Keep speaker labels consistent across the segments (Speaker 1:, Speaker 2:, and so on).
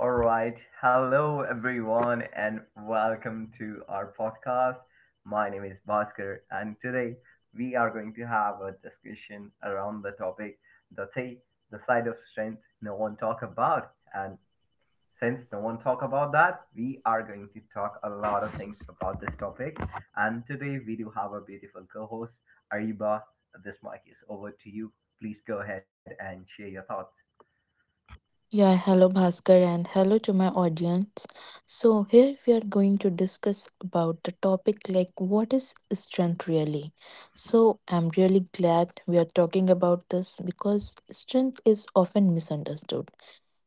Speaker 1: All right. Hello, everyone, and welcome to our podcast. My name is Bhaskar, and today we are going to have a discussion around the topic that's a the side of strength no one talk about. And since no one talk about that, we are going to talk a lot of things about this topic. And today we do have our beautiful co-host Ariba. This mic is over to you. Please go ahead and share your thoughts.
Speaker 2: Yeah, hello Bhaskar and hello to my audience. So here we are going to discuss about the topic like what is strength really. So I'm really glad we are talking about this because strength is often misunderstood.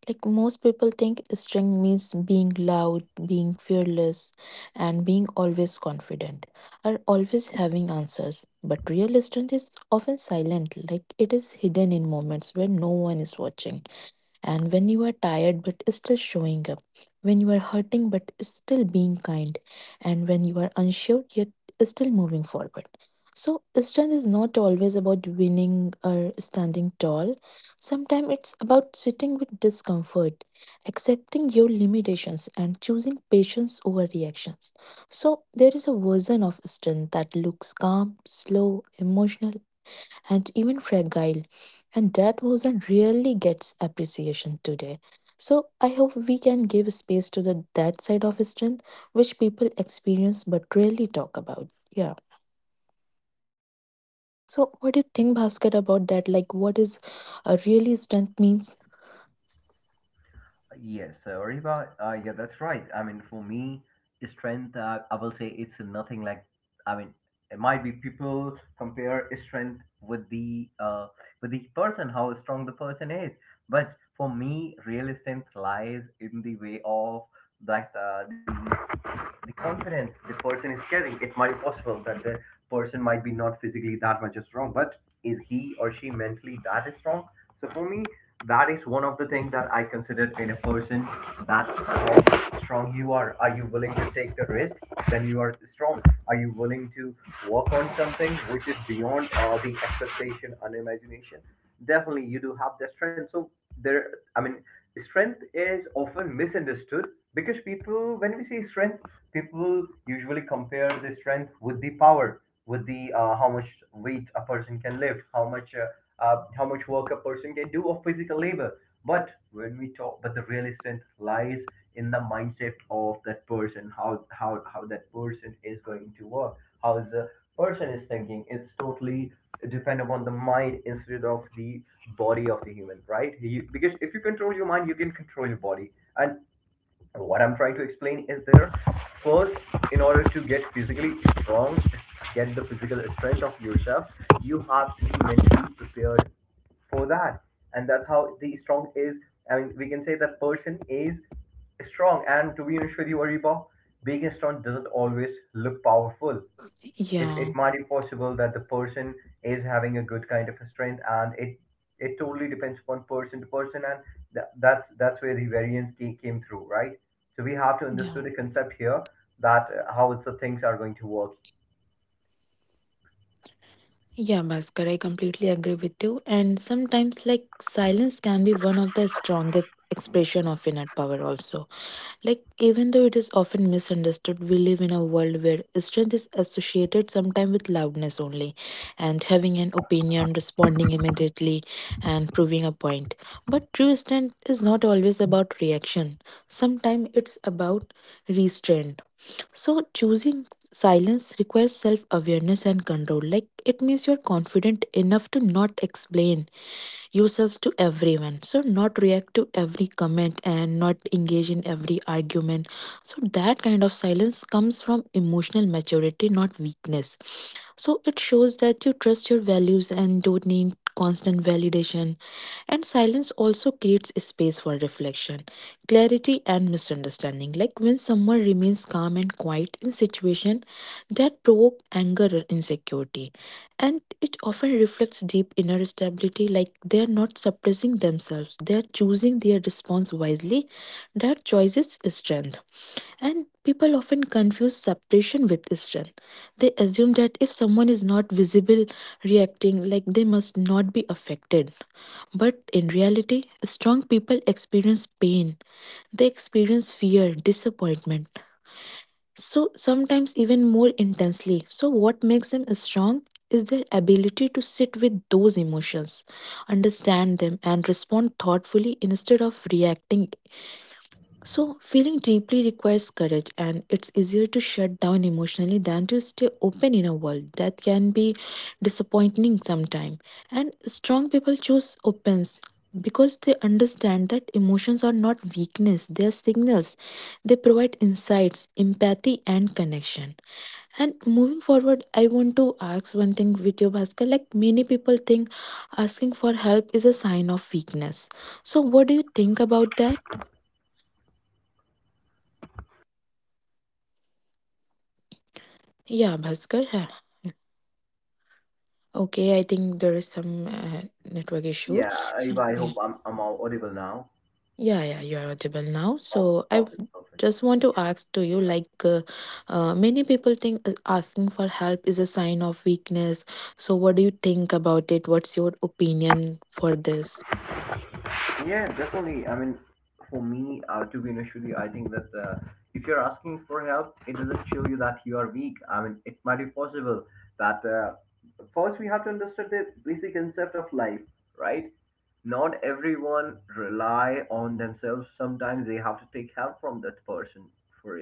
Speaker 2: Like most people think strength means being loud, being fearless and being always confident or always having answers. But real strength is often silent, like it is hidden in moments where no one is watching and when you are tired but still showing up, when you are hurting but still being kind, and when you are unsure yet still moving forward. So, strength is not always about winning or standing tall. Sometimes it's about sitting with discomfort, accepting your limitations, and choosing patience over reactions. So, there is a version of strength that looks calm, slow, emotional, and even fragile. And that motion really gets appreciation today. So I hope we can give space to the that side of strength which people experience but rarely talk about. Yeah. So what do you think, Bhaskar, about that? Like what is really strength means?
Speaker 1: Yes, Riva, yeah, that's right. For me, strength, I will say it's nothing like, I mean, it might be people compare strength with the person, how strong the person is. But for me, real strength lies in the way of that the confidence the person is carrying. It might be possible that the person might be not physically that much strong, but is he or she mentally that strong? So for me, that is one of the things that I consider in a person, that how strong you are. Are you willing to take the risk? Then you are strong. Are you willing to work on something which is beyond the expectation and imagination? Definitely, you do have the strength. So there, I mean, strength is often misunderstood because people, when we say strength, people usually compare the strength with the power, with the how much weight a person can lift, how much work a person can do of physical labor. But when we talk but the real strength lies in the mindset of that person, how how that person is going to work, how the person is thinking. It's totally depend upon the mind instead of the body of the human, right you, because if you control your mind you can control your body. And what I'm trying to explain is there, first, in order to get physically strong, get the physical strength of yourself, you have to be mentally prepared for that, and that's how the strong is. We can say that person is strong. And to be honest with you, Ariba, being strong doesn't always look powerful. It
Speaker 2: Yeah.
Speaker 1: might be possible that the person is having a good kind of a strength, and it totally depends upon person to person. And that's where the variance came through, right? So we have to
Speaker 2: Yeah.
Speaker 1: understand the concept here, that how it's the things are going to work.
Speaker 2: Yeah, Bhaskar, I completely agree with you. And sometimes like silence can be one of the strongest expression of inner power also. Like, even though it is often misunderstood, we live in a world where strength is associated sometimes with loudness only, and having an opinion, responding immediately, and proving a point. But true strength is not always about reaction, sometimes it's about restraint. So, choosing silence requires self awareness and control. Like, it means you're confident enough to not explain yourselves to everyone. So, not react to every comment and not engage in every argument. So, that kind of silence comes from emotional maturity, not weakness. So, it shows that you trust your values and don't need constant validation. And silence also creates space for reflection, clarity, and misunderstanding. Like when someone remains calm and quiet in situation that provoke anger or insecurity and it often reflects deep inner stability, like they are not suppressing themselves, they are choosing their response wisely. That choice is strength. And people often confuse suppression with strength. They assume that if someone is not visible, reacting, like they must not be affected. But in reality, strong people experience pain, they experience fear, disappointment, so sometimes even more intensely. So, what makes them strong is their ability to sit with those emotions, understand them, and respond thoughtfully instead of reacting. So, feeling deeply requires courage, and it's easier to shut down emotionally than to stay open in a world that can be disappointing sometimes. And strong people choose opens because they understand that emotions are not weakness, they are signals. They provide insights, empathy, and connection. And moving forward, I want to ask one thing with you, Bhaskar. Like many people think asking for help is a sign of weakness. So, what do you think about that? Yeah, Bhaskar. Huh? Okay, I think there is some network issue.
Speaker 1: Yeah.
Speaker 2: So
Speaker 1: Eva, I
Speaker 2: yeah,
Speaker 1: hope I'm audible now?
Speaker 2: yeah, yeah, you are audible now.
Speaker 1: Oh,
Speaker 2: So
Speaker 1: perfect perfect
Speaker 2: just want to ask to you, like, many people think asking for help is a sign of weakness. So what do you think about it? What's your opinion for this?
Speaker 1: Yeah, definitely. For me, to be honest with you, I think that if you're asking for help, it doesn't show you that you are weak. I mean, it might be possible that first we have to understand the basic concept of life, right? Not everyone rely on themselves. Sometimes they have to take help from that person for,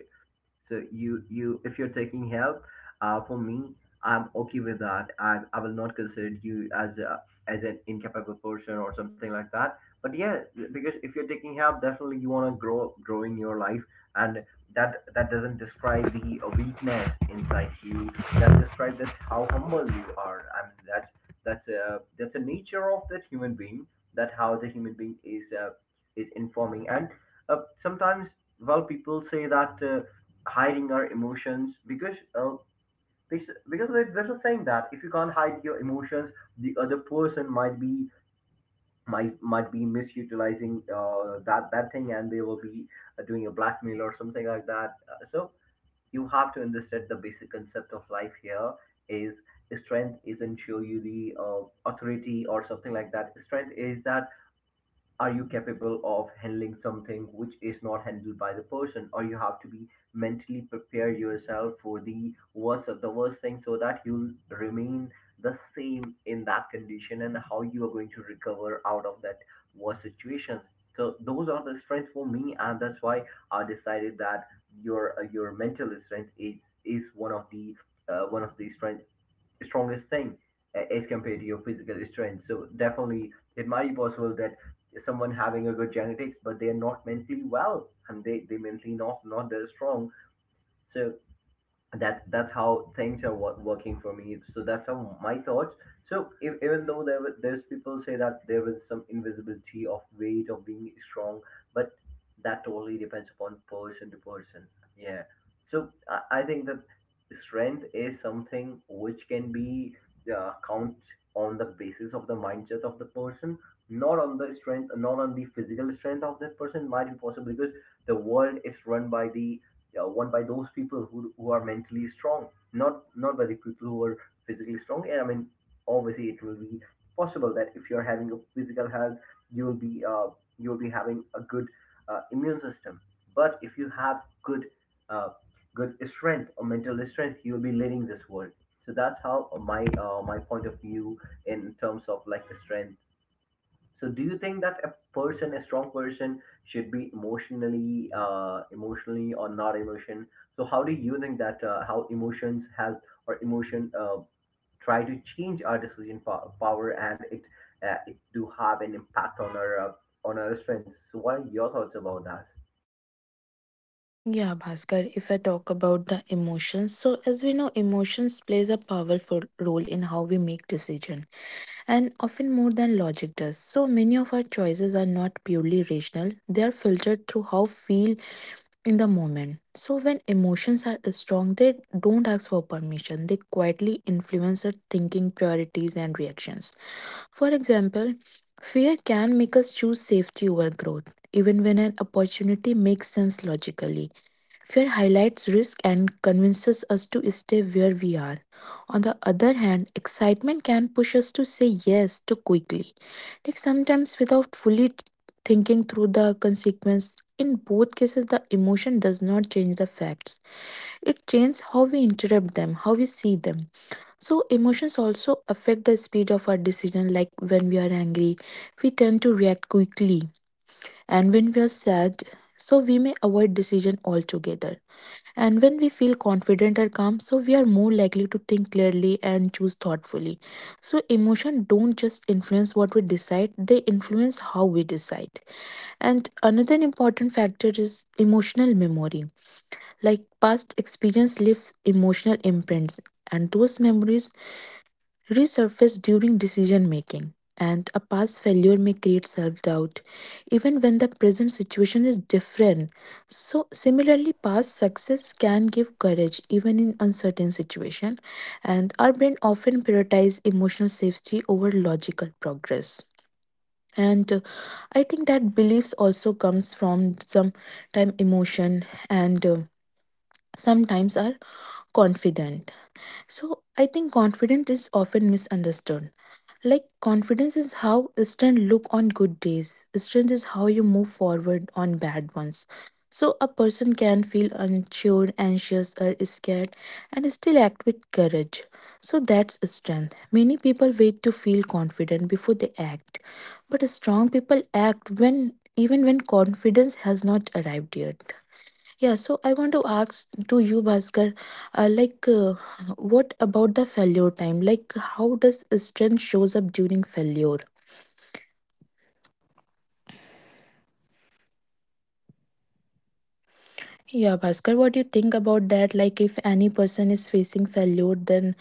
Speaker 1: so you if you're taking help, for me, I'm okay with that. I will not consider you as a as an incapable person or something like that. But yeah, because if you're taking help, definitely you want to grow in your life, and that doesn't describe the weakness inside you. That describes that how humble you are. I mean that's a nature of that human being. That how the human being is informing. And sometimes, well, people say that. Hiding our emotions, because this, there's a saying that if you can't hide your emotions, the other person might be might be misutilizing that thing, and they will be doing a blackmail or something like that. So you have to understand the basic concept of life here, is strength isn't show you the authority or something like that. Strength is that, are you capable of handling something which is not handled by the person? Or you have to be mentally prepare yourself for the worst of the worst thing, so that you'll remain the same in that condition, and how you are going to recover out of that worst situation. So those are the strength for me, and that's why I decided that your mental strength is one of the strength strongest thing, as compared to your physical strength. So definitely, it might be possible that someone having a good genetics, but they are not mentally well, and they mentally not that strong. So that's how things are working for me, so that's how my thoughts. So if, even though there were- there's people say that there is some invisibility of weight of being strong, but that totally depends upon person to person. Yeah. So I think that strength is something which can be count on the basis of the mindset of the person, not on the strength, not on the physical strength of that person. Might be possible because the world is run by the won by those people who are mentally strong, not by the people who are physically strong. And I mean, obviously it will be possible that if you're having a physical health, you'll be uh, you'll be having a good immune system. But if you have good uh, good strength or mental strength, you'll be leading this world. So that's how my my point of view in terms of like strength. So, do you think that a person, a strong person, should be emotionally, emotionally or not emotion? So, how do you think that how emotions help or emotion try to change our decision power, and it it do have an impact on our strength? So, what are your thoughts about that?
Speaker 2: Yeah, Bhaskar, if I talk about the emotions, so as we know, emotions plays a powerful role in how we make decisions and often more than logic does. So many of our choices are not purely rational, they are filtered through how feel in the moment. So when emotions are strong, they don't ask for permission. They quietly influence our thinking, priorities and reactions. For example, fear can make us choose safety over growth, even when an opportunity makes sense logically. Fear highlights risk and convinces us to stay where we are. On the other hand, excitement can push us to say yes too quickly, like sometimes without fully thinking through the consequence. In both cases, the emotion does not change the facts. It changes how we interpret them, how we see them. So, emotions also affect the speed of our decision, like when we are angry, we tend to react quickly, and when we are sad, so we may avoid decision altogether. And when we feel confident or calm, so we are more likely to think clearly and choose thoughtfully. So emotion don't just influence what we decide, they influence how we decide. And another important factor is emotional memory. Like past experience leaves emotional imprints and those memories resurface during decision making, and a past failure may create self doubt, even when the present situation is different. So, similarly, past success can give courage even in uncertain situation, and our brain often prioritize emotional safety over logical progress. And I think that beliefs also comes from some time emotion and sometimes our confident, so I think confidence is often misunderstood. Like confidence is how strength look on good days. Strength is how you move forward on bad ones. So a person can feel unsure, anxious, or scared and still act with courage. So that's strength. Many people wait to feel confident before they act. But strong people act when even when confidence has not arrived yet. Yeah, so I want to ask to you, Bhaskar, uh, like, uh, what about the failure time? Like, how does strength shows up during failure? Yeah, Bhaskar, what do you think about that? Like, if any person is facing failure,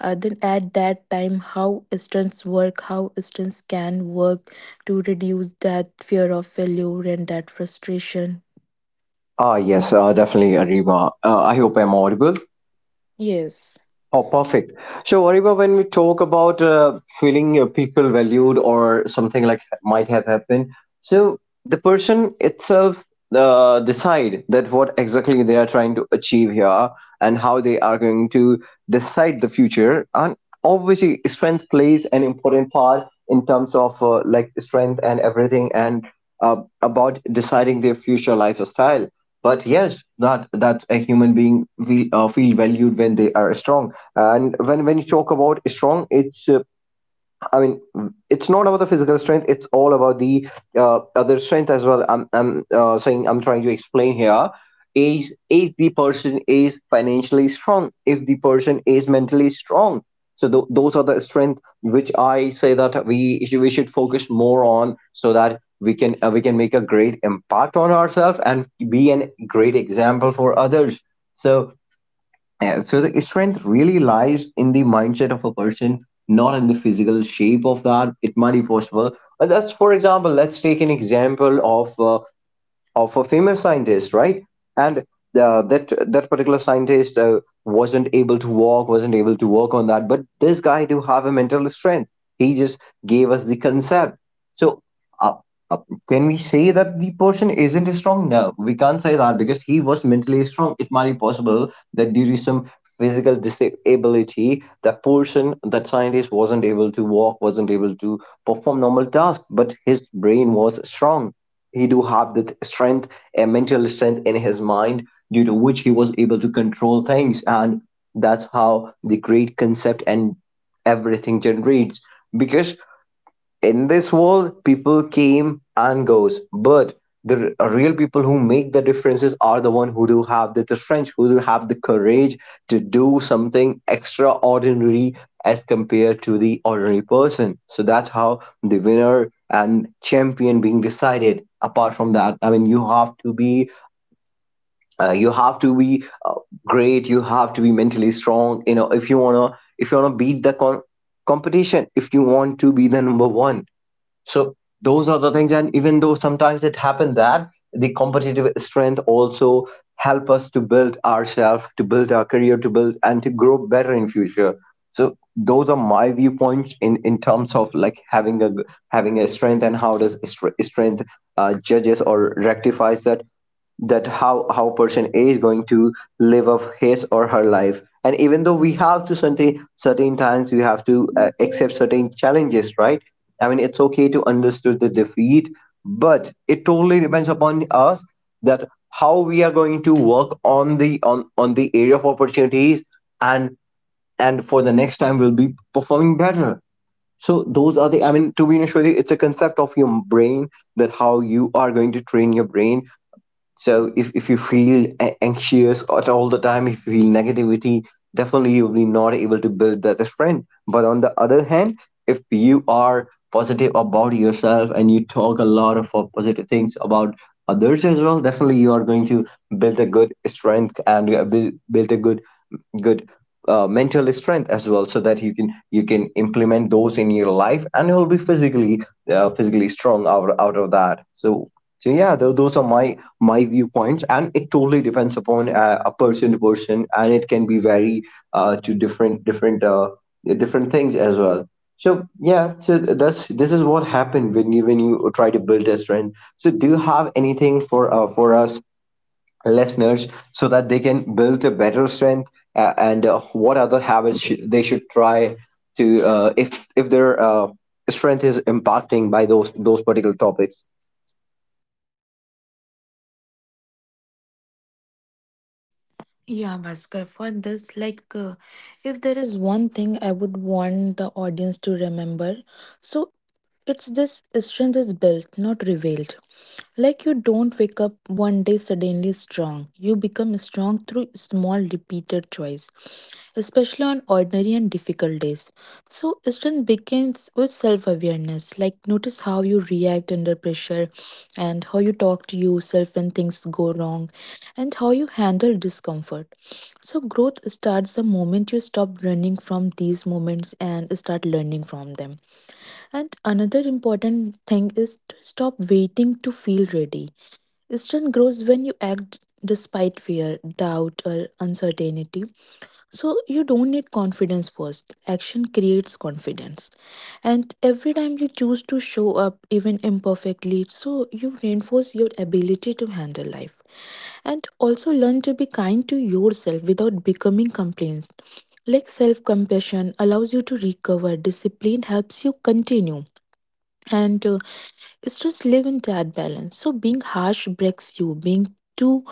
Speaker 2: then at that time, how strengths work? How strengths can work to reduce that fear of failure and that frustration?
Speaker 3: Yes, definitely, Ariba. I hope I'm audible.
Speaker 2: Yes.
Speaker 3: Oh, perfect. So, Ariba, when we talk about feeling people valued or something like might have happened, so the person itself decide that what exactly they are trying to achieve here and how they are going to decide the future. And obviously, strength plays an important part in terms of like strength and everything and uh, about deciding their future lifestyle. But yes, that a human being feel, feel valued when they are strong, and when you talk about strong it's i mean it's not about the physical strength, it's all about the other strength as well. I'm trying to explain here is, if the person is financially strong, if the person is mentally strong, so those are the strength which I say that we should focus more on so that we can make a great impact on ourselves and be a great example for others. So yeah, so the strength really lies in the mindset of a person, not in the physical shape of that. It might be possible, but that's for example. Let's take an example of a female scientist, right? And uh, that that particular scientist wasn't able to walk, wasn't able to work on that, but this guy do have a mental strength. He just gave us the concept. So, uh, uh, can we say that the person isn't strong? No, we can't say that because he was mentally strong. It might be possible that due to some physical disability, that person, that scientist wasn't able to walk, wasn't able to perform normal tasks, but his brain was strong. He do have that strength, a mental strength in his mind, due to which he was able to control things, and that's how the great concept and everything generates, because in this world people came and goes, but the real people who make the differences are the one who do have the french who do have the courage to do something extraordinary as compared to the ordinary person. So that's how the winner and champion being decided. Apart from that, you have to be you have to be great, you have to be mentally strong, you know, if you want to, if you want to beat the competition, if you want to be the number one. So those are the things, and even though sometimes it happened that the competitive strength also help us to build ourselves, to build our career, to build and to grow better in future. So those are my viewpoints in terms of like having a, having a strength, and how does strength judges or rectifies that, that how a person is going to live up his or her life. And even though we have to, certain certain times we have to accept certain challenges, right? I mean, it's okay to understood the defeat, but it totally depends upon us that how we are going to work on the, on the area of opportunities, and and for the next time we'll be performing better. So those are the, I mean, to be honest with you, it's a concept of your brain, that how you are going to train your brain. So if you feel anxious at all the time, if you feel negativity, definitely you'll be not able to build that strength. But on the other hand, if you are positive about yourself and you talk a lot of positive things about others as well, definitely you are going to build a good strength, and you will build a good good mental strength as well, so that you can, you can implement those in your life, and you'll be physically physically strong out, out of that. So so yeah, those are my my viewpoints, and it totally depends upon a person to person, and it can be very to different different different things as well. So yeah, so that's, this is what happened when you, when you try to build a strength. So do you have anything for us listeners, so that they can build a better strength, and what other habits should, they should try to, if their strength is impacting by those particular topics?
Speaker 2: Yeah, Bhaskar, for this, if there is one thing I would want the audience to remember, so it's this strength is built, not revealed. Like you don't wake up one day suddenly strong. You become strong through small repeated choice, especially on ordinary and difficult days. So strength begins with self-awareness. Like notice how you react under pressure and how you talk to yourself when things go wrong and how you handle discomfort. So growth starts the moment you stop running from these moments and start learning from them. And another important thing is to stop waiting to feel ready. Strength grows when you act despite fear, doubt, or uncertainty. So you don't need confidence first. Action creates confidence. And every time you choose to show up, even imperfectly, so you reinforce your ability to handle life. And also learn to be kind to yourself without becoming complacent. Like self compassion allows you to recover, discipline helps you continue and it's just live in that balance. So being harsh breaks you, being too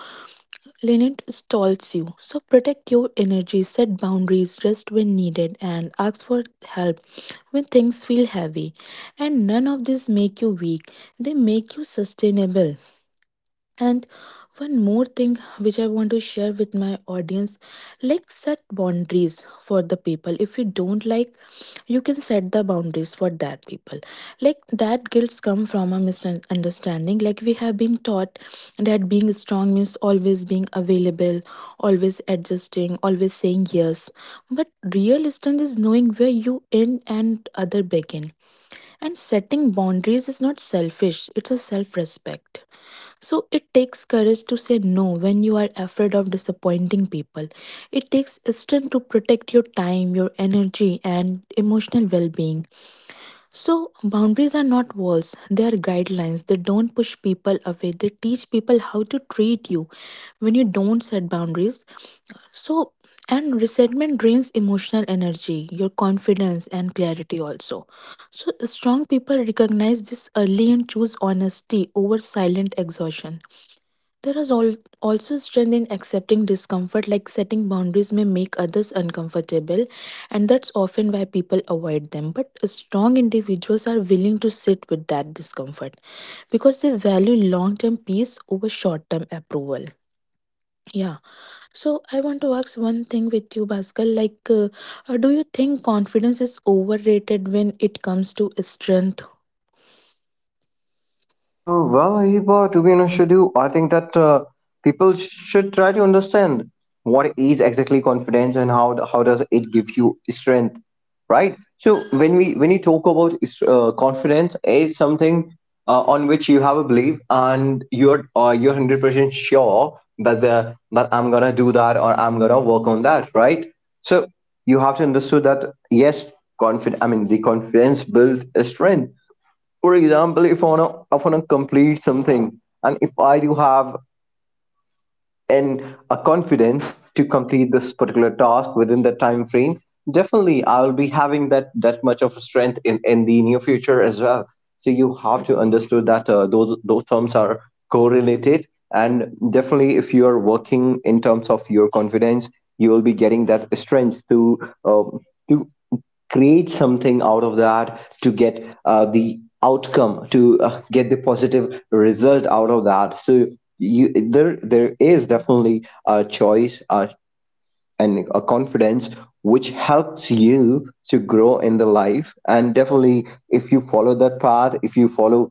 Speaker 2: lenient stalls you. So protect your energy, set boundaries, rest when needed, and ask for help when things feel heavy. And none of this make you weak; they make you sustainable. And one more thing which I want to share with my audience, like set boundaries for the people. If you don't like, you can set the boundaries for that people. Like that guilt come from a misunderstanding. Like we have been taught that being strong means always being available, always adjusting, always saying yes. But real strength is knowing where you end and other begin. And setting boundaries is not selfish, it's a self respect. So it takes courage to say no when you are afraid of disappointing people. It takes strength to protect your time, your energy, and emotional well being. So boundaries are not walls, they are guidelines. They don't push people away, they teach people how to treat you when you don't set boundaries. So, and resentment drains emotional energy, your confidence, and clarity also. So, strong people recognize this early and choose honesty over silent exhaustion. There is also strength in accepting discomfort, like setting boundaries may make others uncomfortable, and that's often why people avoid them. But strong individuals are willing to sit with that discomfort because they value long term peace over short term approval. Yeah. So I want to ask one thing with you, Bhaskar. Do you think confidence is overrated when it comes to strength?
Speaker 3: Well, Hiba, to be honest with you, I think that people should try to understand what is exactly confidence and how how does it give you strength, right? So when we, when you talk about confidence, it's something on which you have a belief, and you're 100% sure that the, that I'm gonna do that or I'm gonna work on that, right? So you have to understand that yes, confident. I mean, the confidence builds a strength. For example, if I want to complete something, and if I do have, and a confidence to complete this particular task within the time frame, definitely I will be having that much of a strength in the near future as well. So you have to understand that those terms are correlated, and definitely if you are working in terms of your confidence, you will be getting that strength to, um, to create something out of that, to get the outcome, to get the positive result out of that. So you, there is definitely a choice and a confidence which helps you to grow in the life, and definitely if you follow that path, if you follow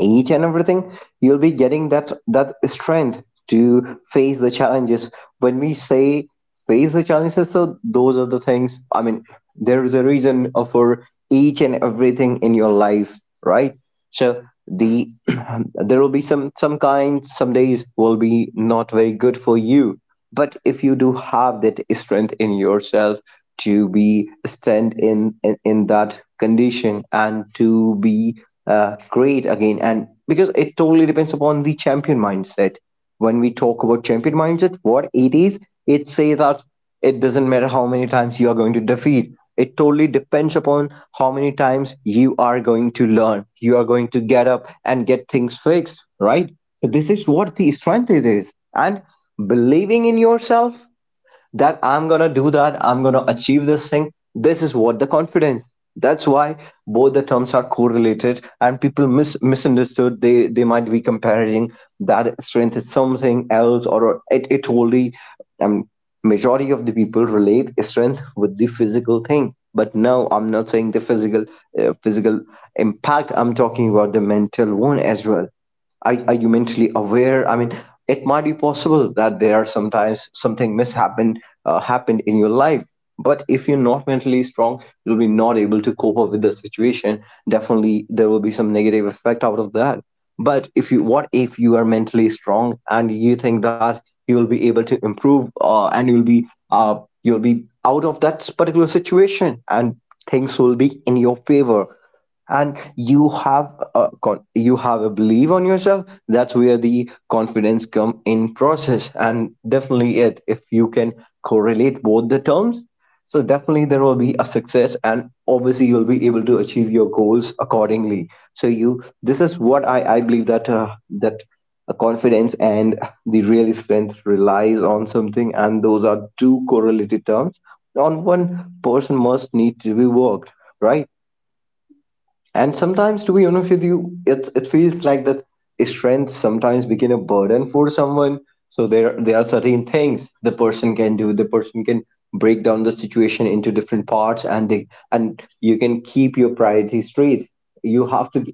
Speaker 3: each and everything, you'll be getting that that strength to face the challenges. When we say face the challenges, so those are the things. There is a reason for each and everything in your life, right? So the, there will be some kind, some days will be not very good for you, but if you do have that strength in yourself to be stand in, in that condition, and to be great again. And because it totally depends upon the champion mindset. When we talk about champion mindset, what it is, it say that it doesn't matter how many times you are going to defeat. It totally depends upon how many times you are going to learn. You are going to get up and get things fixed, right? This is what the strength it is. And believing in yourself that I'm gonna do that, I'm gonna achieve this thing. This is what the confidence. That's why both the terms are correlated, and people misunderstood. They might be comparing that strength is something else, or it only um majority of the people relate strength with the physical thing. But no, I'm not saying the physical physical impact. I'm talking about the mental one as well. Are you mentally aware? It might be possible that there are sometimes something mishappened, happened in your life. But if you're not mentally strong, you'll be not able to cope up with the situation. Definitely there will be some negative effect out of that. But if you, what if you are mentally strong, and you think that you'll be able to improve and uh, you'll be out of that particular situation, and things will be in your favor, and you have you have a belief on yourself, that's where the confidence come in process. And definitely it, if you can correlate both the terms, so definitely there will be a success, and obviously you'll be able to achieve your goals accordingly. So you, this is what I believe, that a confidence and the real strength relies on something, and those are two correlated terms on one person must need to be worked, right? And sometimes, to be honest with you, it feels like that strength sometimes become a burden for someone. So there are certain things the person can do. The person can break down the situation into different parts, and they and you can keep your priorities straight. You have to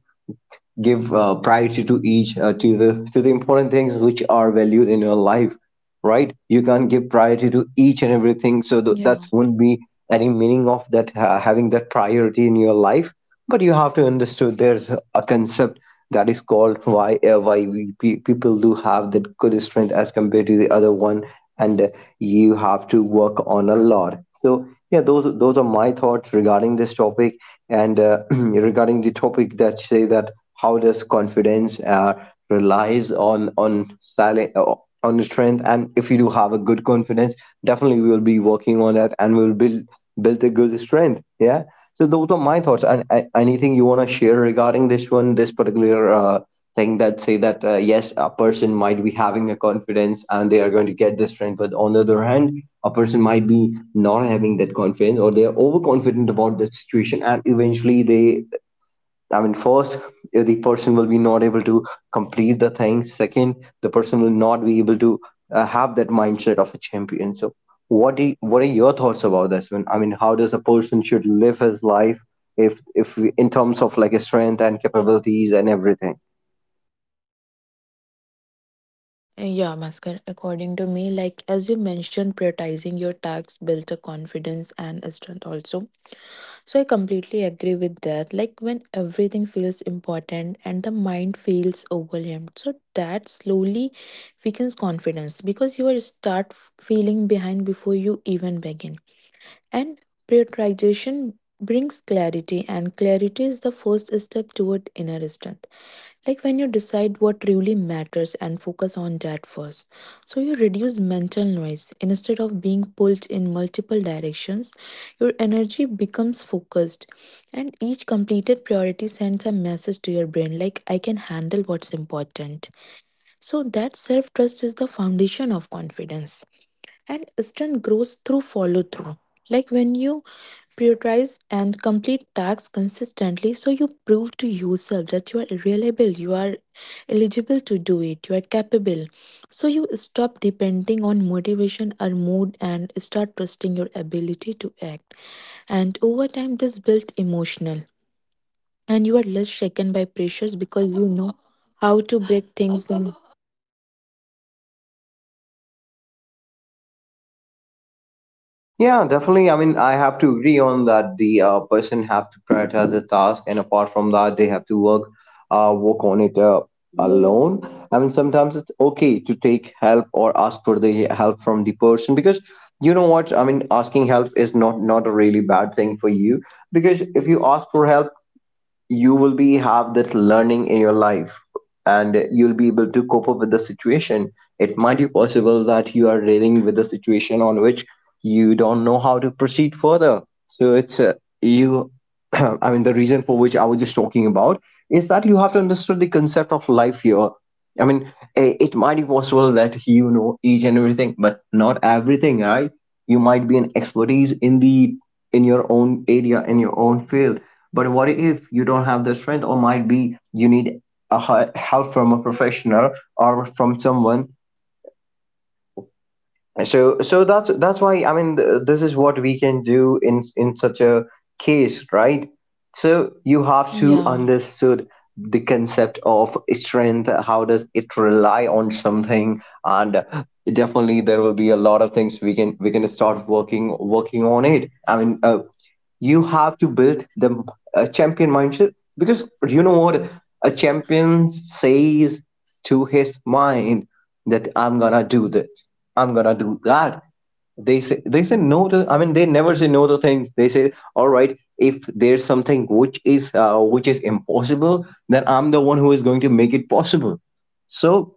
Speaker 3: give priority to each to the important things which are valued in your life, right? You can't give priority to each and everything, so that
Speaker 2: Yeah.
Speaker 3: won't be any meaning of that having that priority in your life. But you have to understand there's a concept that is called why people do have that good strength as compared to the other one. And You have to work on a lot. So yeah, those are my thoughts regarding this topic. And Regarding the topic that say that how does confidence relies on silent, on strength. And if you do have a good confidence, definitely we will be working on that and we'll build a good strength, yeah. So those are my thoughts, and anything you want to share regarding this particular thing, that say that yes, a person might be having a confidence and they are going to get the strength. But on the other hand, a person might be not having that confidence, or they are overconfident about the situation, and eventually they, I mean, first, the person will be not able to complete the thing. Second, the person will not be able to have that mindset of a champion. So, what are your thoughts about this? When I mean, how does a person should live his life, if we, in terms of like a strength and capabilities and everything?
Speaker 2: Yeah, Maskar, according to me, like as you mentioned, prioritizing your tasks builds a confidence and a strength also. So I completely agree with that. Like when everything feels important and the mind feels overwhelmed, so that slowly weakens confidence because you will start feeling behind before you even begin. And prioritization brings clarity, and clarity is the first step toward inner strength. Like when you decide what really matters and focus on that first. So you reduce mental noise. Instead of being pulled in multiple directions, your energy becomes focused. And each completed priority sends a message to your brain like, I can handle what's important. So that self trust is the foundation of confidence and strength grows through follow through. Like when you prioritize and complete tasks consistently, so you prove to yourself that you are reliable, you are eligible to do it, you are capable. So you stop depending on motivation or mood and start trusting your ability to act. And over time, this built emotional, and you are less shaken by pressures because you know how to break things down.
Speaker 3: Yeah, definitely. I mean, I have to agree on that. The person have to prioritize the task, and apart from that, they have to work, work on it alone. I mean, sometimes it's okay to take help or ask for the help from the person, because you know what? I mean, asking help is not a really bad thing for you, because if you ask for help, you will be have that learning in your life, and you'll be able to cope up with the situation. It might be possible that you are dealing with a situation on which you don't know how to proceed further. So it's you I mean, the reason for which I was just talking about is that you have to understand the concept of life here. I mean, it might be possible that you know each and everything but not everything, right? You might be an expertise in the, in your own area, in your own field, but what if you don't have the strength, or might be you need a help from a professional or from someone? So that's why, I mean, this is what we can do in such a case, right? So you have to
Speaker 2: Yeah,
Speaker 3: understood the concept of strength. How does it rely on something? And definitely, there will be a lot of things we can start working on it. I mean, you have to build the champion mindset, because you know what a champion says to his mind? That I'm gonna do this, I'm gonna do that. They say no to, I mean, they never say no to things. They say, all right, if there's something which is impossible, then I'm the one who is going to make it possible. So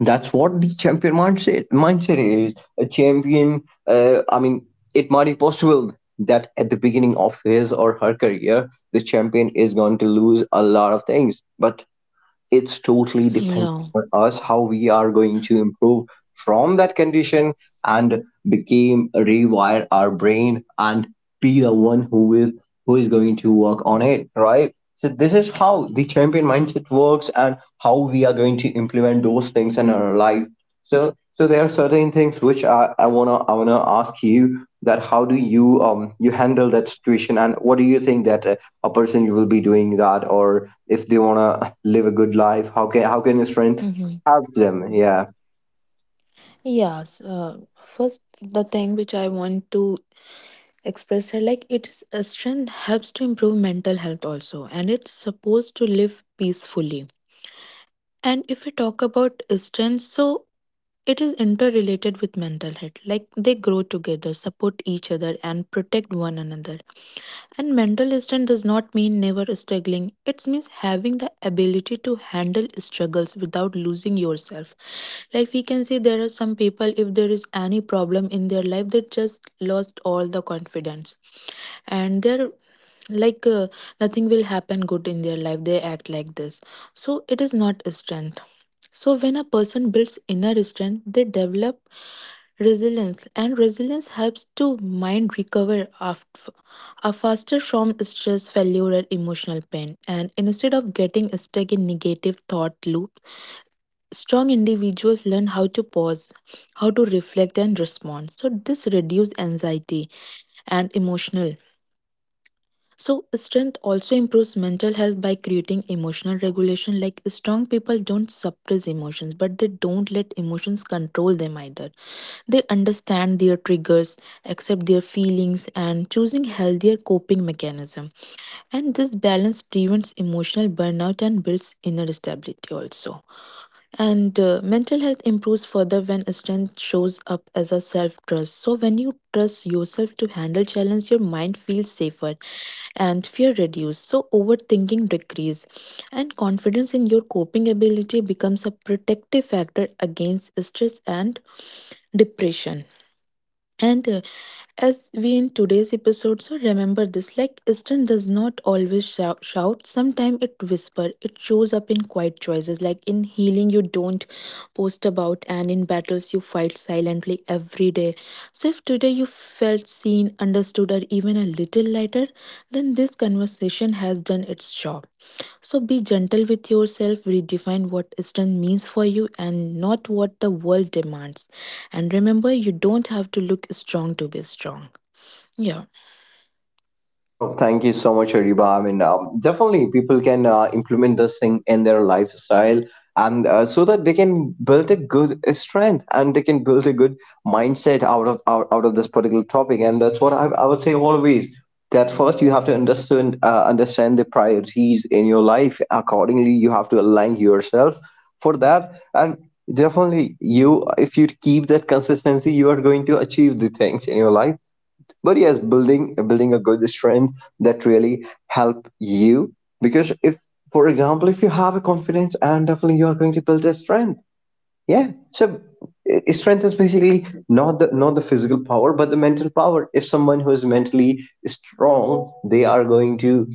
Speaker 3: that's what the champion mindset is. A champion, I mean, it might be possible that at the beginning of his or her career the champion is going to lose a lot of things, but it's totally depends
Speaker 2: yeah.
Speaker 3: on us how we are going to improve from that condition, and became rewire our brain, and be the one who is, who is going to work on it, right? So this is how the champion mindset works and how we are going to implement those things in our life. So there are certain things which I wanna, I wanna ask you, that how do you you handle that situation, and what do you think that a person will be doing that, or if they wanna live a good life. How can a strength
Speaker 2: Mhm.
Speaker 3: help them? Yeah.
Speaker 2: Yes, first, the thing which I want to express here like its strength helps to improve mental health also, and it's supposed to live peacefully. And if we talk about strength, so it is interrelated with mental health, like they grow together, support each other, and protect one another. And mental strength does not mean never struggling. It means having the ability to handle struggles without losing yourself. Like we can see, there are some people, if there is any problem in their life, they just lost all the confidence. And they're like, nothing will happen good in their life. They act like this. So it is not strength. So when a person builds inner strength, they develop resilience and resilience helps to mind recover after, are faster from stress, failure, and emotional pain. And instead of getting stuck in negative thought loops, strong individuals learn how to pause, how to reflect and respond. So this reduces anxiety and emotional. So strength also improves mental health by creating emotional regulation. Like strong people don't suppress emotions, but they don't let emotions control them either. They understand their triggers, accept their feelings, and choosing healthier coping mechanism. And this balance prevents emotional burnout and builds inner stability also. And mental health improves further when strength shows up as a self trust. So, when you trust yourself to handle challenge, your mind feels safer and fear reduces. So, overthinking decrease, and confidence in your coping ability becomes a protective factor against stress and depression. And as we in today's episode, so remember this like Eastern does not always shout. Sometimes it whisper. It shows up in quiet choices, like in healing you don't post about, and in battles you fight silently every day. So, if today you felt seen, understood, or even a little lighter, then this conversation has done its job. So be gentle with yourself, redefine what Eastern means for you and not what the world demands. And remember, you don't have to look strong to be strong. Yeah.
Speaker 3: Oh, thank you so much, Ariba. I mean, definitely people can implement this thing in their lifestyle, and so that they can build a good strength and they can build a good mindset out of out of this particular topic. And that's what I would say always, that first you have to understand the priorities in your life. Accordingly, you have to align yourself for that. And definitely, you, if you keep that consistency, you are going to achieve the things in your life. But yes, building a good strength that really help you, because if, for example, if you have a confidence, and definitely you are going to build a strength, yeah. So strength is basically not the physical power but the mental power. If someone who is mentally strong, they are going to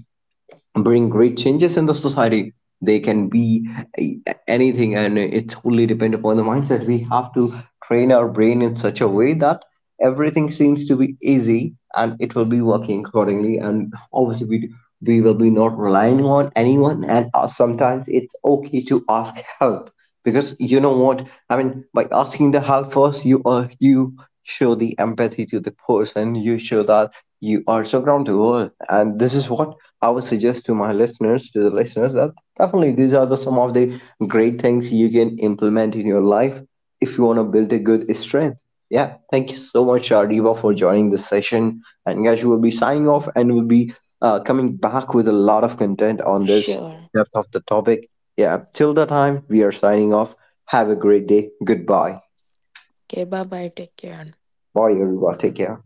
Speaker 3: bring great changes in the society. They can be a- anything. And it totally depends upon the mindset. We have to train our brain in such a way that everything seems to be easy, and it will be working accordingly. And obviously we will be not relying on anyone. And Sometimes it's okay to ask help, because you know what I mean by asking the help. First you you show the empathy to the person. You show that you are so ground to earth. And this is what I would suggest to my listeners, to the listeners, that definitely these are the some of the great things you can implement in your life if you want to build a good strength. Yeah, thank you so much, Ariba, for joining this session. And guys, we'll be signing off,
Speaker 2: Yeah.
Speaker 3: and we'll be coming back with a lot of content on this
Speaker 2: Sure.
Speaker 3: depth of the topic. Yeah, till the time, we are signing off. Have a great day. Goodbye.
Speaker 2: Okay, bye bye. Take care.
Speaker 3: Bye, everyone. Take care.